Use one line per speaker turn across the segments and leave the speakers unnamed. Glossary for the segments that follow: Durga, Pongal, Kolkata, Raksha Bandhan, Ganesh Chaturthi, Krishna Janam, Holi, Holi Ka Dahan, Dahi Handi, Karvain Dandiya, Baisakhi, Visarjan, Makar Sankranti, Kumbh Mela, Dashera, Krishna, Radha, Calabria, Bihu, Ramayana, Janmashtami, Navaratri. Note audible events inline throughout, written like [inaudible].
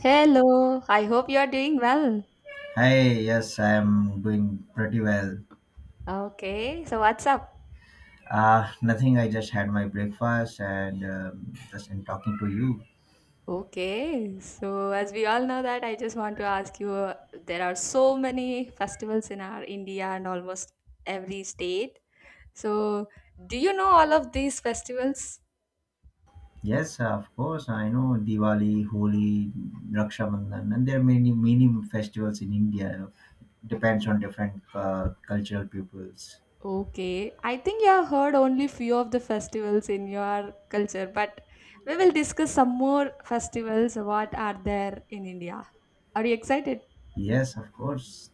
Hello, I hope you are doing well.
Hi, yes, I'm doing pretty well.
Okay, so what's up?
Nothing, I just had my breakfast and just in talking to you.
Okay, so as we all know that I just want to ask you there are so many festivals in our India and almost every state. So, do you know all of these festivals?
Yes, of course, I know Diwali, Holi, Raksha Bandhan, and there are many, many festivals in India. Depends on different cultural peoples.
Okay, I think you have heard only few of the festivals in your culture, but we will discuss some more festivals what are there in India. Are you excited?
Yes, of course.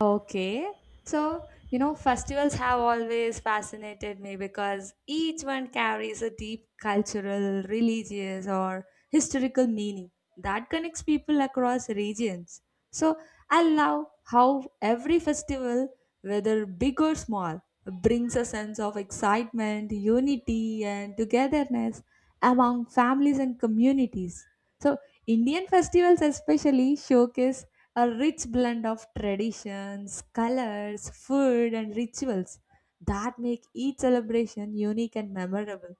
Okay. So, you know, festivals have always fascinated me because each one carries a deep cultural, religious, or historical meaning that connects people across regions. So, I love how every festival, whether big or small, brings a sense of excitement, unity, and togetherness among families and communities. So, Indian festivals especially showcase a rich blend of traditions, colors, food, and rituals that make each celebration unique and memorable.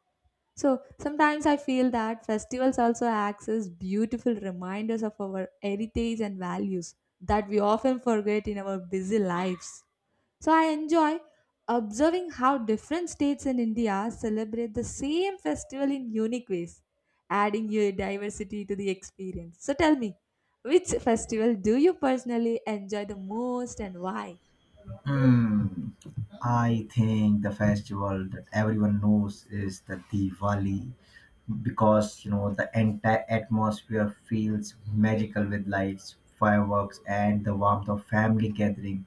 So sometimes I feel that festivals also act as beautiful reminders of our heritage and values that we often forget in our busy lives. So I enjoy observing how different states in India celebrate the same festival in unique ways, adding your diversity to the experience. So tell me, which festival do you personally enjoy the most and why?
Hmm. I think the festival that everyone knows is the Diwali because you know the entire atmosphere feels magical with lights, fireworks, and the warmth of family gathering.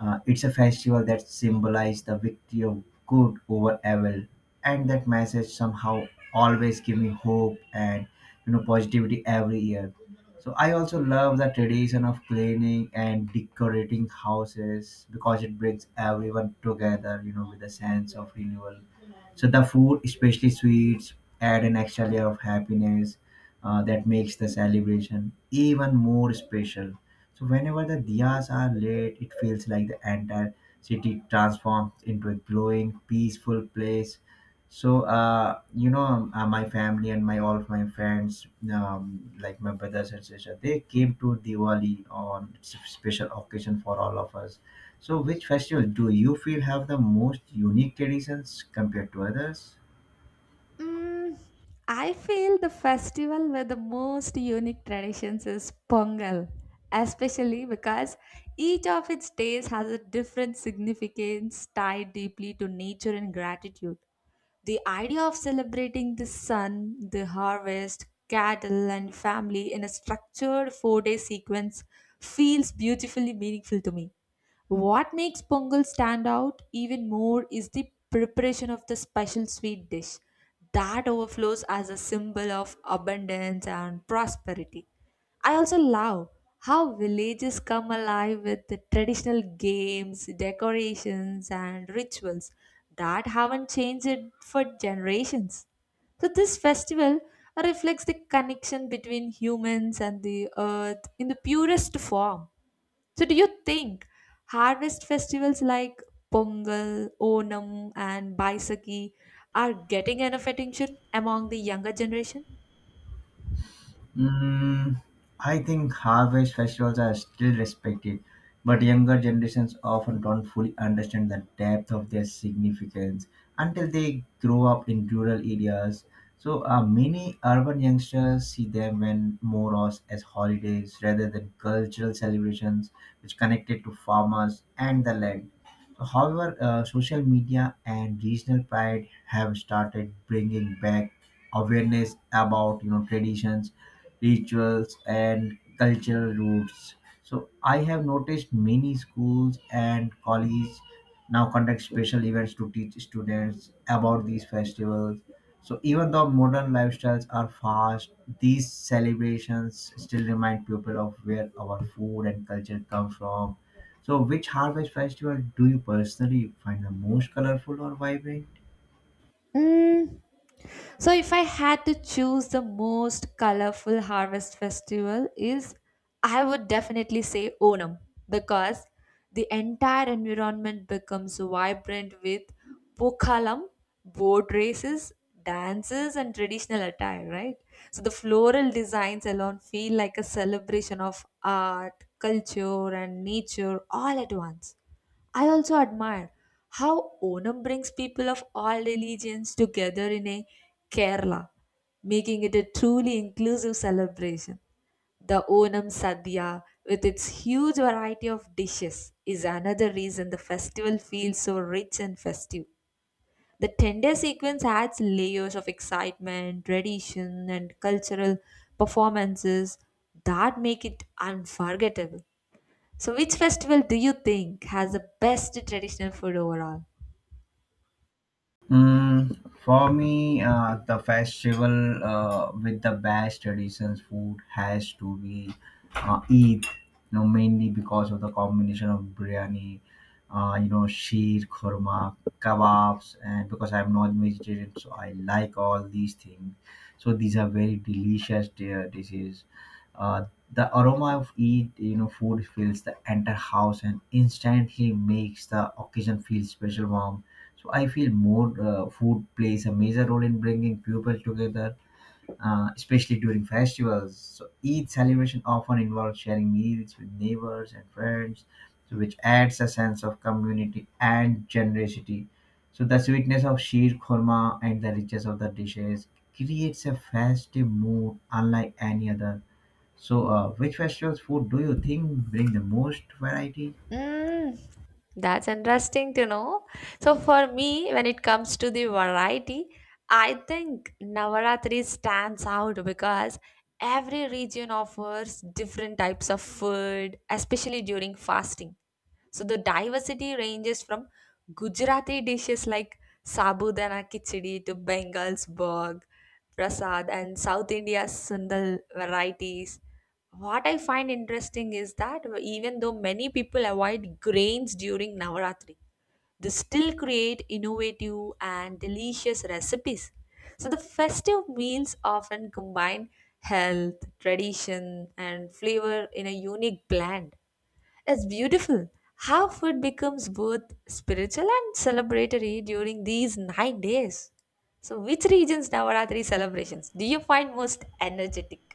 It's a festival that symbolizes the victory of good over evil, and that message somehow always gives me hope and you know positivity every year. So I also love the tradition of cleaning and decorating houses because it brings everyone together, you know, with a sense of renewal. So the food, especially sweets, add an extra layer of happiness that makes the celebration even more special. So whenever the diyas are lit, it feels like the entire city transforms into a glowing, peaceful place, so, my family and my all of my friends, like my brothers and sisters, they came to Diwali on special occasion for all of us. So, which festival do you feel have the most unique traditions compared to others?
Mm, I feel the festival with the most unique traditions is Pongal, especially because each of its days has a different significance tied deeply to nature and gratitude. The idea of celebrating the sun, the harvest, cattle, and family in a structured 4 day sequence feels beautifully meaningful to me. What makes Pongal stand out even more is the preparation of the special sweet dish that overflows as a symbol of abundance and prosperity. I also love how villages come alive with the traditional games, decorations, and rituals that haven't changed it for generations. So, this festival reflects the connection between humans and the earth in the purest form. So, do you think harvest festivals like Pongal, Onam, and Baisakhi are getting enough attention among the younger generation?
Mm, I think harvest festivals are still respected, but younger generations often don't fully understand the depth of their significance until they grow up in rural areas. So many urban youngsters see them when more as holidays rather than cultural celebrations which connected to farmers and the land. So, however, social media and regional pride have started bringing back awareness about you know traditions, rituals, and cultural roots. So I have noticed many schools and colleges now conduct special events to teach students about these festivals. So even though modern lifestyles are fast, these celebrations still remind people of where our food and culture come from. So which harvest festival do you personally find the most colorful or vibrant?
Mm, so if I had to choose the most colorful harvest festival is I would definitely say Onam because the entire environment becomes vibrant with pokalam, boat races, dances and traditional attire, right? So the floral designs alone feel like a celebration of art, culture and nature all at once. I also admire how Onam brings people of all religions together in a Kerala, making it a truly inclusive celebration. The Onam Sadhya, with its huge variety of dishes, is another reason the festival feels so rich and festive. The tender sequence adds layers of excitement, tradition, and cultural performances that make it unforgettable. So, which festival do you think has the best traditional food overall?
Mm, for me, the festival with the best traditions food has to be Eid, you know, mainly because of the combination of biryani, you know, sheer, khurma, kebabs, and because I'm non-vegetarian, so I like all these things. So these are very delicious dishes. Uh, the aroma of Eid, you know, food fills the entire house and instantly makes the occasion feel special warm, so I feel more food plays a major role in bringing people together, especially during festivals. So each celebration often involves sharing meals with neighbors and friends, so which adds a sense of community and generosity. So the sweetness of sheer korma and the richness of the dishes creates a festive mood unlike any other. So, which festival's food do you think bring the most variety?
Mm, that's interesting to know. So for me, when it comes to the variety, I think Navaratri stands out because every region offers different types of food, especially during fasting. So the diversity ranges from Gujarati dishes like Sabudana Khichdi to Bengal's Bog, Prasad, and South India's Sundal varieties. What I find interesting is that even though many people avoid grains during Navaratri, they still create innovative and delicious recipes. So the festive meals often combine health, tradition, and flavor in a unique blend. It's beautiful how food becomes both spiritual and celebratory during these 9 days. So, which region's Navaratri celebrations do you find most energetic?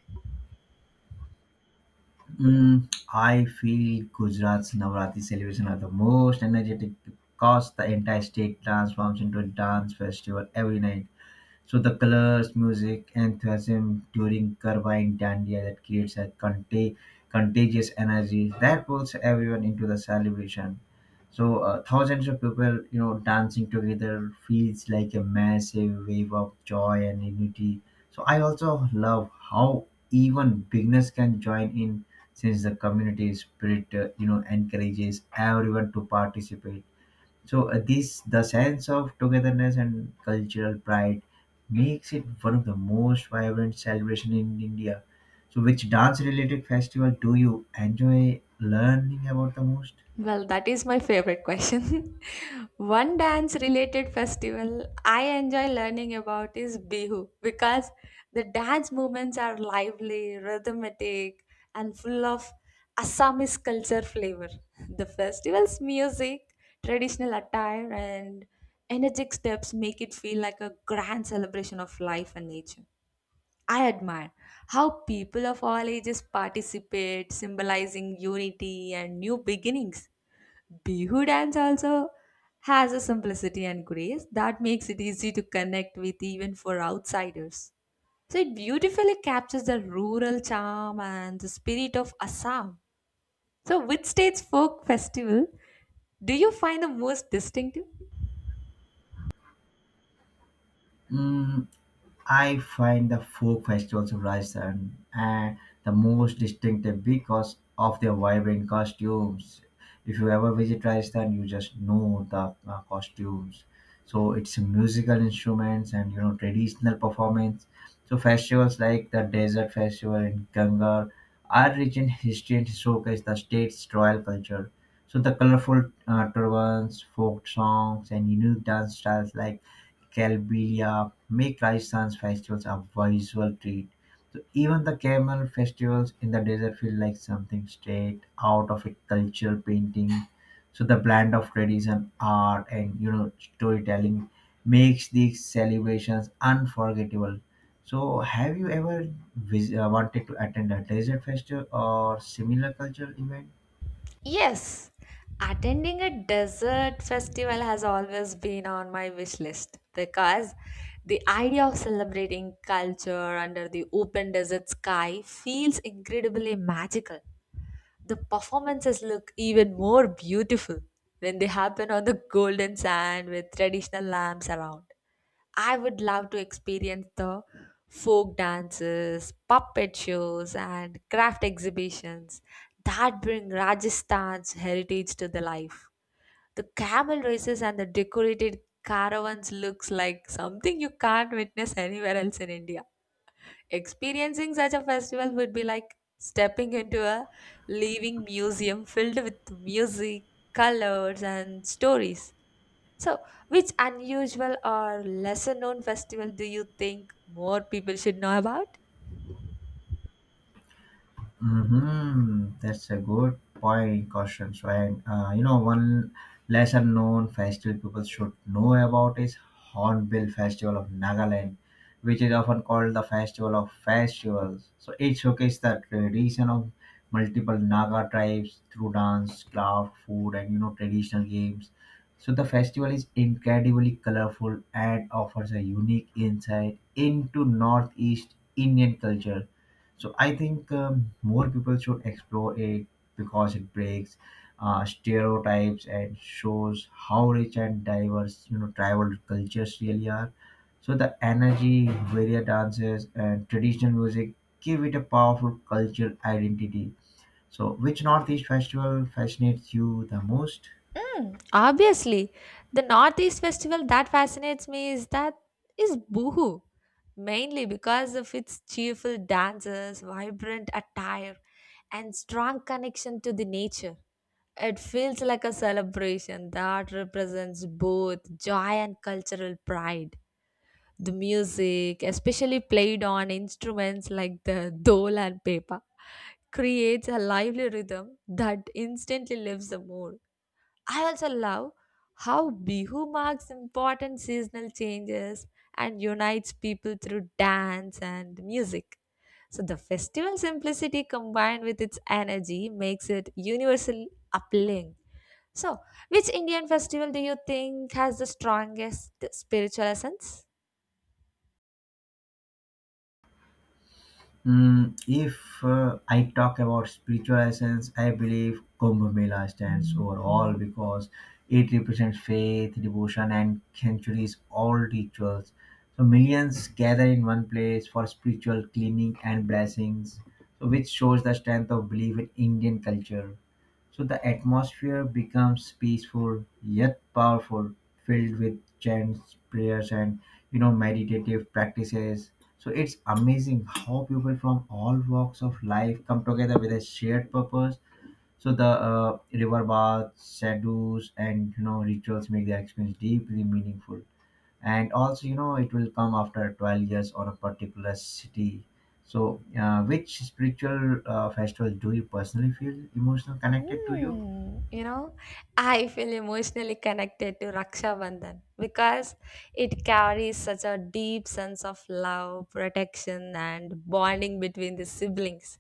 Mm, I feel Gujarat's Navratri celebration are the most energetic because the entire state transforms into a dance festival every night. So the colors, music, enthusiasm during Karvain Dandiya that creates a contagious energy that pulls everyone into the celebration. So thousands of people, you know, dancing together feels like a massive wave of joy and unity. So I also love how even beginners can join in since the community spirit, you know, encourages everyone to participate, so this the sense of togetherness and cultural pride makes it one of the most vibrant celebration in India. So which dance related festival do you enjoy learning about the most?
Well, that is my favorite question. [laughs] One dance related festival I enjoy learning about is Bihu because the dance movements are lively, rhythmic, and full of Assamese culture flavor. The festival's music, traditional attire, and energetic steps make it feel like a grand celebration of life and nature. I admire how people of all ages participate, symbolizing unity and new beginnings. Bihu dance also has a simplicity and grace that makes it easy to connect with even for outsiders. So it beautifully captures the rural charm and the spirit of Assam. So which state's folk festival do you find the most distinctive?
Mm, I find the folk festivals of Rajasthan the most distinctive because of their vibrant costumes. If you ever visit Rajasthan, you just know the costumes. So it's musical instruments and you know traditional performance. So festivals like the Desert Festival in Gangar are rich in history and showcase the state's royal culture. So the colorful turbans, folk songs, and unique dance styles like Calabria make Rajasthan's festivals a visual treat. So even the camel festivals in the desert feel like something straight out of a cultural painting. So the blend of tradition, art, and you know storytelling makes these celebrations unforgettable. So have you ever wanted to attend a desert festival or similar cultural event?
Yes, attending a desert festival has always been on my wish list because the idea of celebrating culture under the open desert sky feels incredibly magical. The performances look even more beautiful when they happen on the golden sand with traditional lamps around. I would love to experience the folk dances, puppet shows, and craft exhibitions that bring Rajasthan's heritage to the life. The camel races and the decorated caravans looks like something you can't witness anywhere else in India. Experiencing such a festival would be like stepping into a living museum filled with music, colors, and stories. So, which unusual or lesser known festival do you think more people should know about?
Mm-hmm. That's a good point, caution. So, and you know, one lesser known festival people should know about is Hornbill Festival of Nagaland, which is often called the Festival of Festivals. So, it showcases the tradition of multiple Naga tribes through dance, craft, food, and you know, traditional games. So, the festival is incredibly colorful and offers a unique insight into Northeast Indian culture, so I think more people should explore it because it breaks stereotypes and shows how rich and diverse you know tribal cultures really are. So the energy, various dances, and traditional music give it a powerful cultural identity. So which Northeast festival fascinates you the most?
Mm, obviously, the Northeast festival that fascinates me is that is Boohoo, mainly because of its cheerful dances, vibrant attire, and strong connection to the nature. It feels like a celebration that represents both joy and cultural pride. The music, especially played on instruments like the dole and pepa, creates a lively rhythm that instantly lifts the mood. I also love how Bihu marks important seasonal changes and unites people through dance and music. So the festival simplicity combined with its energy makes it universally appealing. So, which Indian festival do you think has the strongest spiritual essence?
Mm, if I talk about spiritual essence, I believe Kumbh Mela stands over all because it represents faith, devotion, and centuries old rituals. So millions gather in one place for spiritual cleaning and blessings, so which shows the strength of belief in Indian culture. So the atmosphere becomes peaceful yet powerful, filled with chants, prayers, and you know meditative practices. So it's amazing how people from all walks of life come together with a shared purpose. So the river baths, sadhus, and you know rituals make their experience deeply meaningful. And also, you know, it will come after 12 years or a particular city. So, which spiritual festival do you personally feel emotional connected to you?
Hmm, you know, I feel emotionally connected to Raksha Bandhan because it carries such a deep sense of love, protection, and bonding between the siblings.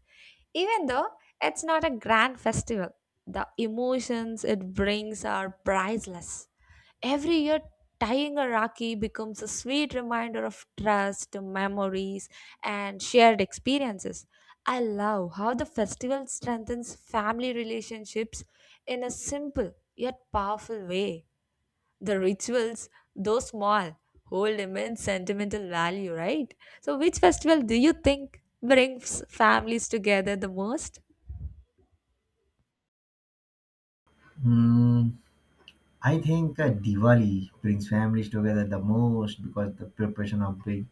Even though it's not a grand festival, the emotions it brings are priceless. Every year, tying a Rakhi becomes a sweet reminder of trust, memories, and shared experiences. I love how the festival strengthens family relationships in a simple yet powerful way. The rituals, though small, hold immense sentimental value, right? So, which festival do you think brings families together the most?
Hmm, I think Diwali brings families together the most because the preparation of big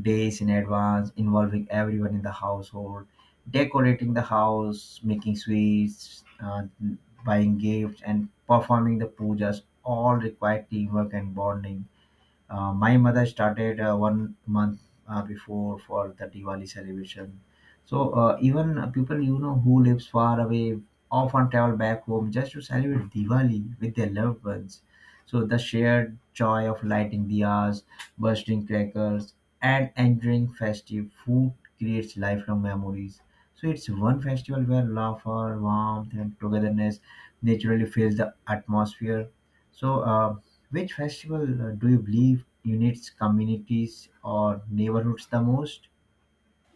days in advance involving everyone in the household, decorating the house, making sweets, buying gifts, and performing the pujas all require teamwork and bonding. My mother started one month before for the Diwali celebration. So even people you know who lives far away often travel back home just to celebrate Diwali with their loved ones. So the shared joy of lighting diyas, bursting crackers, and enjoying festive food creates lifelong memories. So it's one festival where laughter, warmth, and togetherness naturally fills the atmosphere. So which festival do you believe unites communities or neighborhoods the most?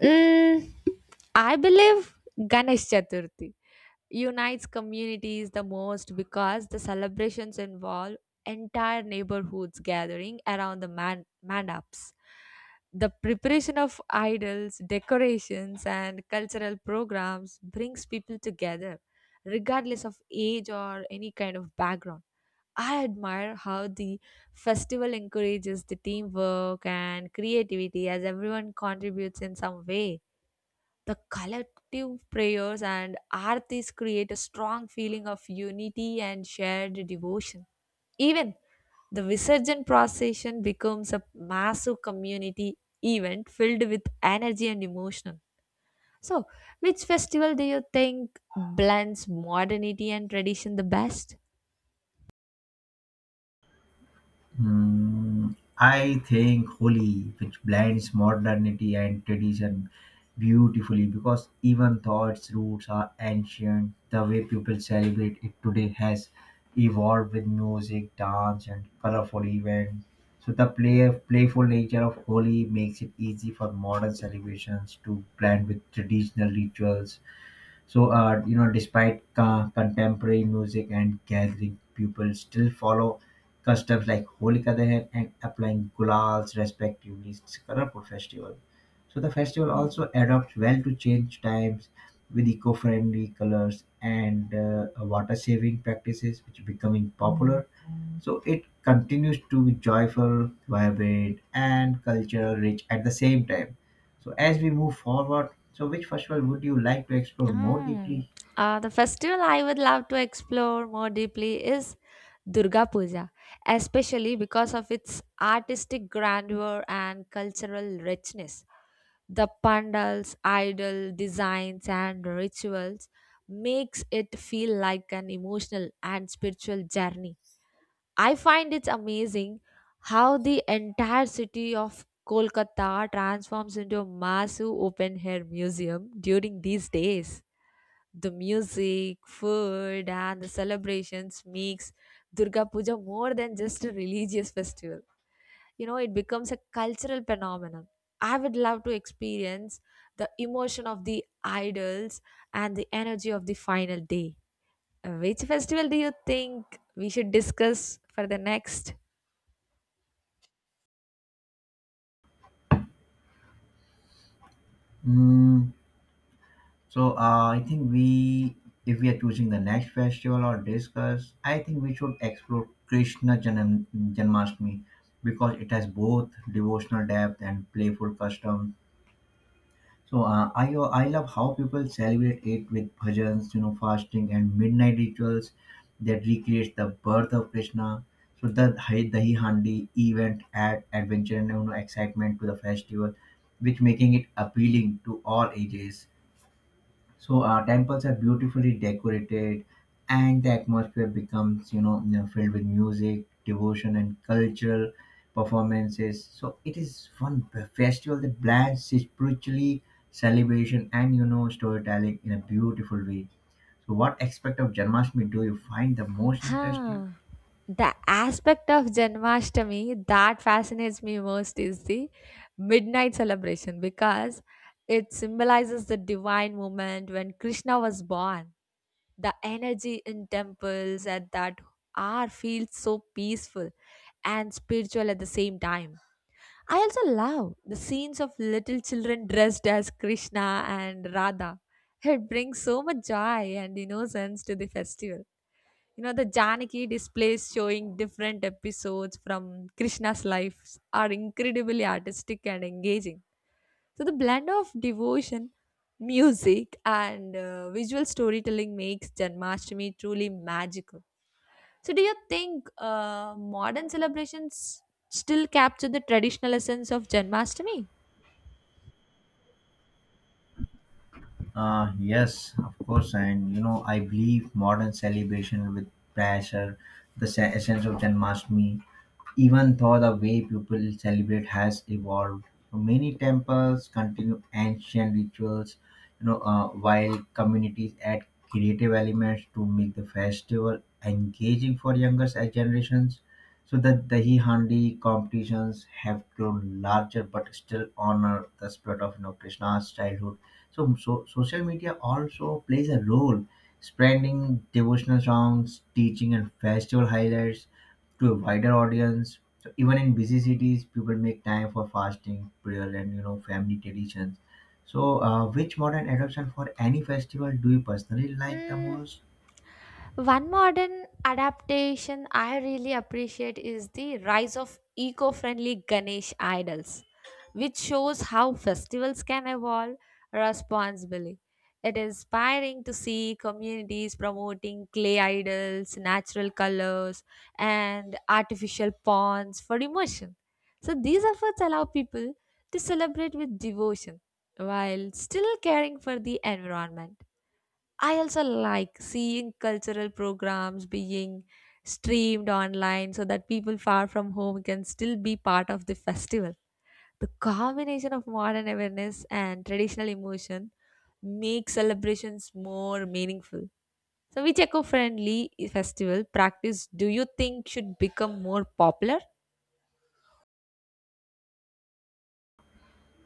Mm, I believe Ganesh Chaturthi unites communities the most because the celebrations involve entire neighborhoods gathering around the man mandaps. The preparation of idols, decorations, and cultural programs brings people together, regardless of age or any kind of background. I admire how the festival encourages the teamwork and creativity as everyone contributes in some way the collective prayers and aartis create a strong feeling of unity and shared devotion. Even the Visarjan procession becomes a massive community event filled with energy and emotion. So, which festival do you think blends modernity and tradition the best?
Hmm, I think Holi, which blends modernity and tradition beautifully because even though its roots are ancient, the way people celebrate it today has evolved with music, dance, and colorful events. So the playful nature of Holi makes it easy for modern celebrations to blend with traditional rituals. So, you know, despite contemporary music and gathering, people still follow customs like Holi Ka Dahan and applying gulals respectively. It's a festival. So the festival also adapts well to change times with eco-friendly colors and water-saving practices, which are becoming popular, so it continues to be joyful, vibrant, and cultural rich at the same time. So as we move forward, so which festival would you like to explore more
Um,
deeply?
the festival I would love to explore more deeply is Durga Puja, especially because of its artistic grandeur and cultural richness. The pandals, idol designs, and rituals makes it feel like an emotional and spiritual journey. I find it's amazing how the entire city of Kolkata transforms into a massive open air museum during these days. The music, food, and the celebrations makes Durga Puja more than just a religious festival. You know, it becomes a cultural phenomenon. I would love to experience the emotion of the idols and the energy of the final day. Which festival do you think we should discuss for the next?
Mm, so I think if we are choosing the next festival or discuss, I think we should explore Krishna Janam, Janmashtami because it has both devotional depth and playful custom. So I love how people celebrate it with bhajans, you know, fasting and midnight rituals that recreates the birth of Krishna. So the Dahi Handi event add adventure and you know excitement to the festival, which making it appealing to all ages. So temples are beautifully decorated, and the atmosphere becomes filled with music, devotion, and cultural performances. So it is one festival that blends spiritually celebration and you know storytelling in a beautiful way. So what aspect of Janmashtami do you find the most interesting?
Huh. The aspect of Janmashtami that fascinates me most is the midnight celebration because it symbolizes the divine moment when Krishna was born. The energy in temples at that hour feels so peaceful and spiritual at the same time. I also love the scenes of little children dressed as Krishna and Radha. It brings so much joy and innocence to the festival. You know, the Janaki displays showing different episodes from Krishna's lives are incredibly artistic and engaging. So, the blend of devotion, music, and visual storytelling makes Janmashtami truly magical. So, do you think modern celebrations still capture the traditional essence of Janmashtami?
Yes, of course, and you know I believe modern celebration with pressure, the essence of Janmashtmi. Even though the way people celebrate has evolved, many temples continue ancient rituals, while communities add creative elements to make the festival engaging for younger generations. So that the dahi handi competitions have grown larger, but still honor the spirit of you know Krishna's childhood. So social media also plays a role, spreading devotional songs, teaching, and festival highlights to a wider audience. So even in busy cities, people make time for fasting, prayer, and you know family traditions. So, which modern adoption for any festival do you personally like the
Mm,
most?
one modern adaptation I really appreciate is the rise of eco friendly Ganesh idols, which shows how festivals can evolve responsibly. It is inspiring to see communities promoting clay idols, natural colors, and artificial ponds for immersion. So these efforts allow people to celebrate with devotion while still caring for the environment. I also like seeing cultural programs being streamed online so that people far from home can still be part of the festival. The combination of modern awareness and traditional emotion makes celebrations more meaningful. So, which eco friendly festival practice do you think should become more popular?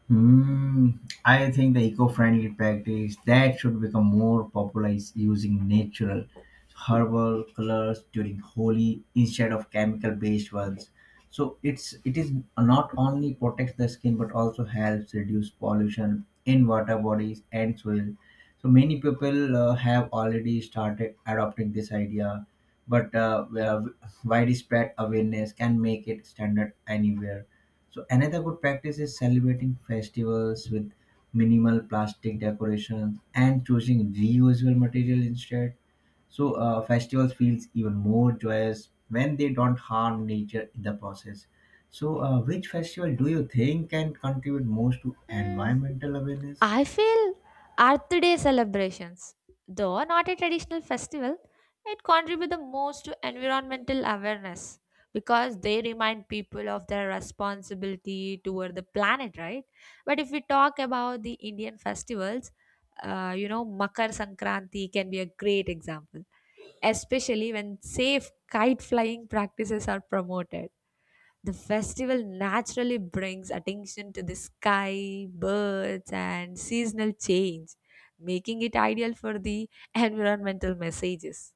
Hmm, I think the eco-friendly practice that should become more popular is using natural herbal colors during Holi instead of chemical-based ones. So it is not only protects the skin but also helps reduce pollution in water bodies and soil. So many people have already started adopting this idea, but well, widespread awareness can make it standard anywhere. So another good practice is celebrating festivals with minimal plastic decorations and choosing reusable material instead. So festivals feels even more joyous when they don't harm nature in the process. So which festival do you think can contribute most to
Mm,
environmental awareness?
I feel Earth Day celebrations, though not a traditional festival, it contributes the most to environmental awareness because they remind people of their responsibility toward the planet, right? But if we talk about the Indian festivals, you know, Makar Sankranti can be a great example, especially when safe kite flying practices are promoted. The festival naturally brings attention to the sky, birds, and seasonal change, making it ideal for the [laughs] environmental messages.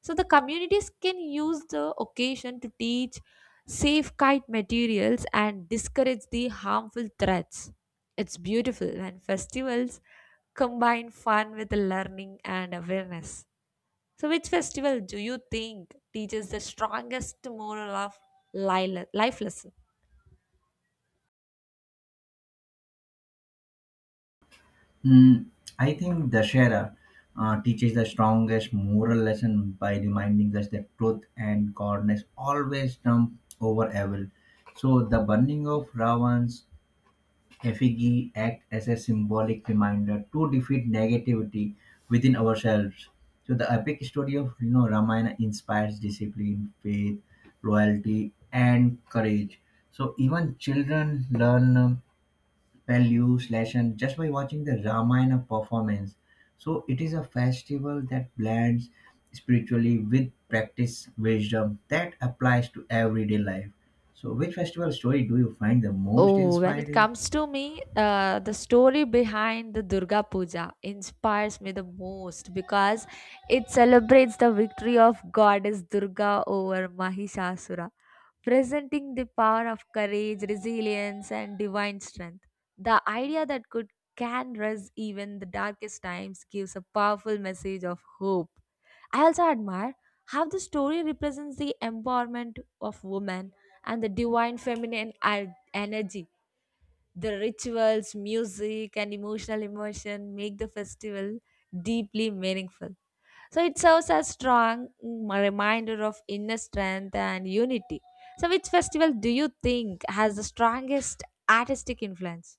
So, the communities can use the occasion to teach safe kite materials and discourage the harmful threats. It's beautiful when festivals combine fun with learning and awareness. So, which festival do you think teaches the strongest moral of life lesson?
Mm, I think Dashera teaches the strongest moral lesson by reminding us that truth and goodness always trump over evil. So the burning of Ravan's effigy act as a symbolic reminder to defeat negativity within ourselves. So the epic story of you know Ramayana inspires discipline, faith, loyalty, and courage. So even children learn, values lesson just by watching the Ramayana performance. So it is a festival that blends spiritually with practice wisdom that applies to everyday life. So which festival story do you find the most
Oh, when it
inspiring?
comes to me, the story behind the Durga Puja inspires me the most because it celebrates the victory of Goddess Durga over Mahishasura, presenting the power of courage, resilience, and divine strength. The idea that could can rise even the darkest times gives a powerful message of hope. I also admire how the story represents the empowerment of women and the divine feminine energy. The rituals, music, and emotional immersion make the festival deeply meaningful. So it serves as strong reminder of inner strength and unity. So which festival do you think has the strongest artistic influence?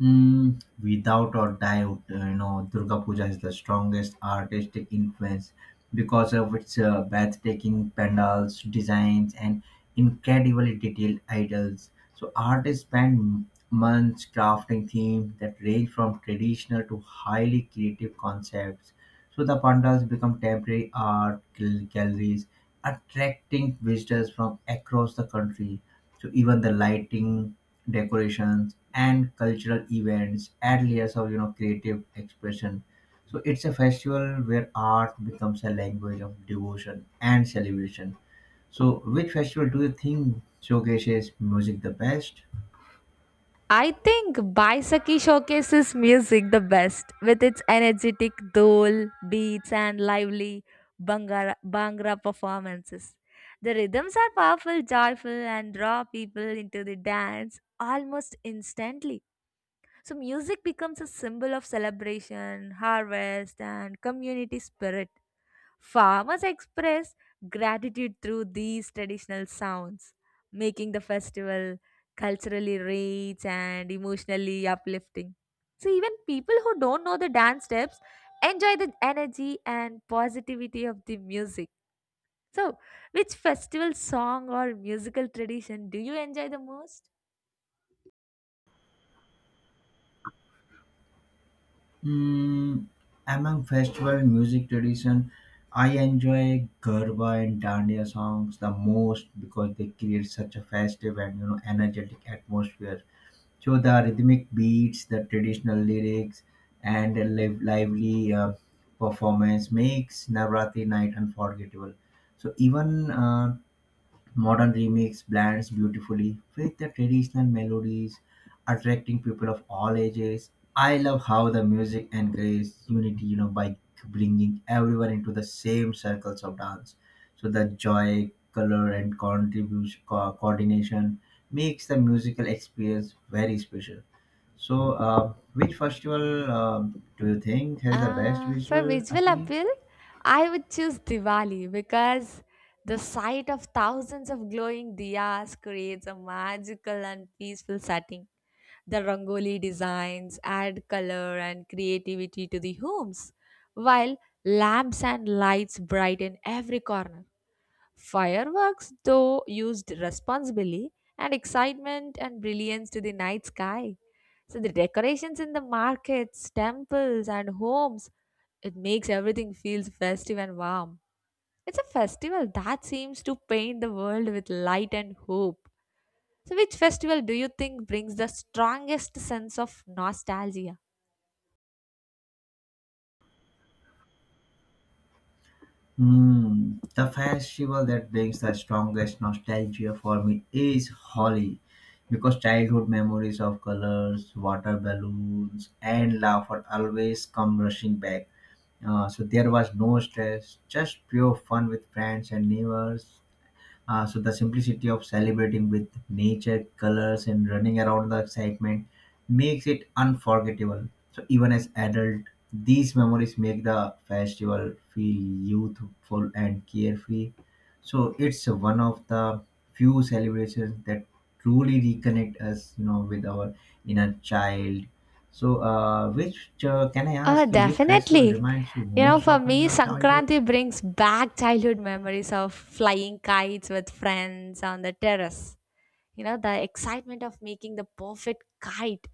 Mm, without or doubt, you know, Durga Puja is the strongest artistic influence because of its breathtaking pandals, designs, and incredibly detailed idols. So, artists spend months crafting themes that range from traditional to highly creative concepts. So, the pandals become temporary art galleries, attracting visitors from across the country. So even the lighting, decorations, and cultural events add layers of you know creative expression. So it's a festival where art becomes a language of devotion and celebration. So which festival do you think showcases music the best?
I think Baisakhi showcases music the best with its energetic dole, beats, and lively Bhangra performances. The rhythms are powerful, joyful, and draw people into the dance almost instantly. So, music becomes a symbol of celebration, harvest, and community spirit. Farmers express gratitude through these traditional sounds, making the festival culturally rich and emotionally uplifting. So, even people who don't know the dance steps enjoy the energy and positivity of the music. So, which festival song or musical tradition do you enjoy the most?
Mm, among festival music tradition, I enjoy Garba and Dandiya songs the most because they create such a festive and you know energetic atmosphere. So the rhythmic beats, the traditional lyrics, and a lively performance makes Navratri night unforgettable. So even modern remix blends beautifully with the traditional melodies, attracting people of all ages. I love how the music encourages unity, you know, by bringing everyone into the same circles of dance. So the joy, color, and contribution coordination makes the musical experience very special. So, which festival do you think has the best
For
visual
visual
appeal?
appeal, I would choose Diwali because the sight of thousands of glowing diyas creates a magical and peaceful setting. The rangoli designs add color and creativity to the homes, while lamps and lights brighten every corner. Fireworks, though, used responsibly and excitement and brilliance to the night sky. So the decorations in the markets, temples, and homes, it makes everything feels festive and warm. It's a festival that seems to paint the world with light and hope. So, which festival do you think brings the strongest sense of nostalgia?
Hmm, the festival that brings the strongest nostalgia for me is Holi, because childhood memories of colors, water balloons, and laughter always come rushing back. So there was no stress, just pure fun with friends and neighbors. So the simplicity of celebrating with nature, colors, and running around the excitement makes it unforgettable. So even as adult, these memories make the festival feel youthful and carefree. So it's one of the few celebrations that truly reconnect us, you know, with our inner child. So, which can I
Oh,
ask you? Which festival
definitely.
reminds you
You know,
most
for
of in
me,
your childhood?
Sankranti brings back childhood memories of flying kites with friends on the terrace. You know, the excitement of making the perfect kite,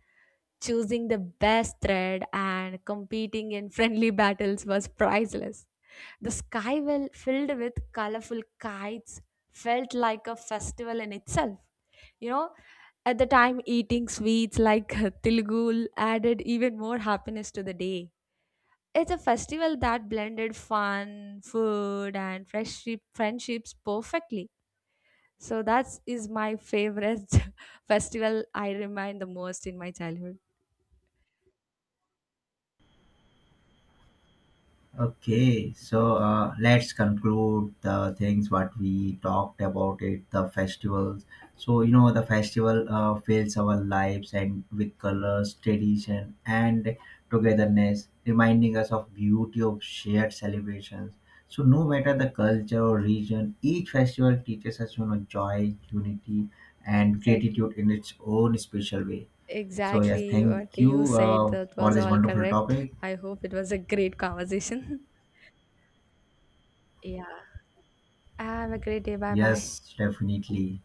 choosing the best thread, and competing in friendly battles was priceless. The sky well filled with colorful kites felt like a festival in itself. You know, at the time, eating sweets like [laughs] tilgul added even more happiness to the day. It's a festival that blended fun, food, and friendships perfectly. So that is my favorite [laughs] festival I remind the most in my childhood.
Okay, so let's conclude the things what we talked about it, the festivals. So you know the festival fills our lives and with colors, tradition, and togetherness, reminding us of beauty of shared celebrations. So no matter the culture or region, each festival teaches us you know joy, unity, and
Exactly.
gratitude in its own special way. So yes,
Exactly what
thank
you
you
said, that
for
was
this
all
wonderful
correct.
topic.
I hope it was a great conversation. [laughs] Yeah. Have a great day. Bye bye.
Yes, definitely.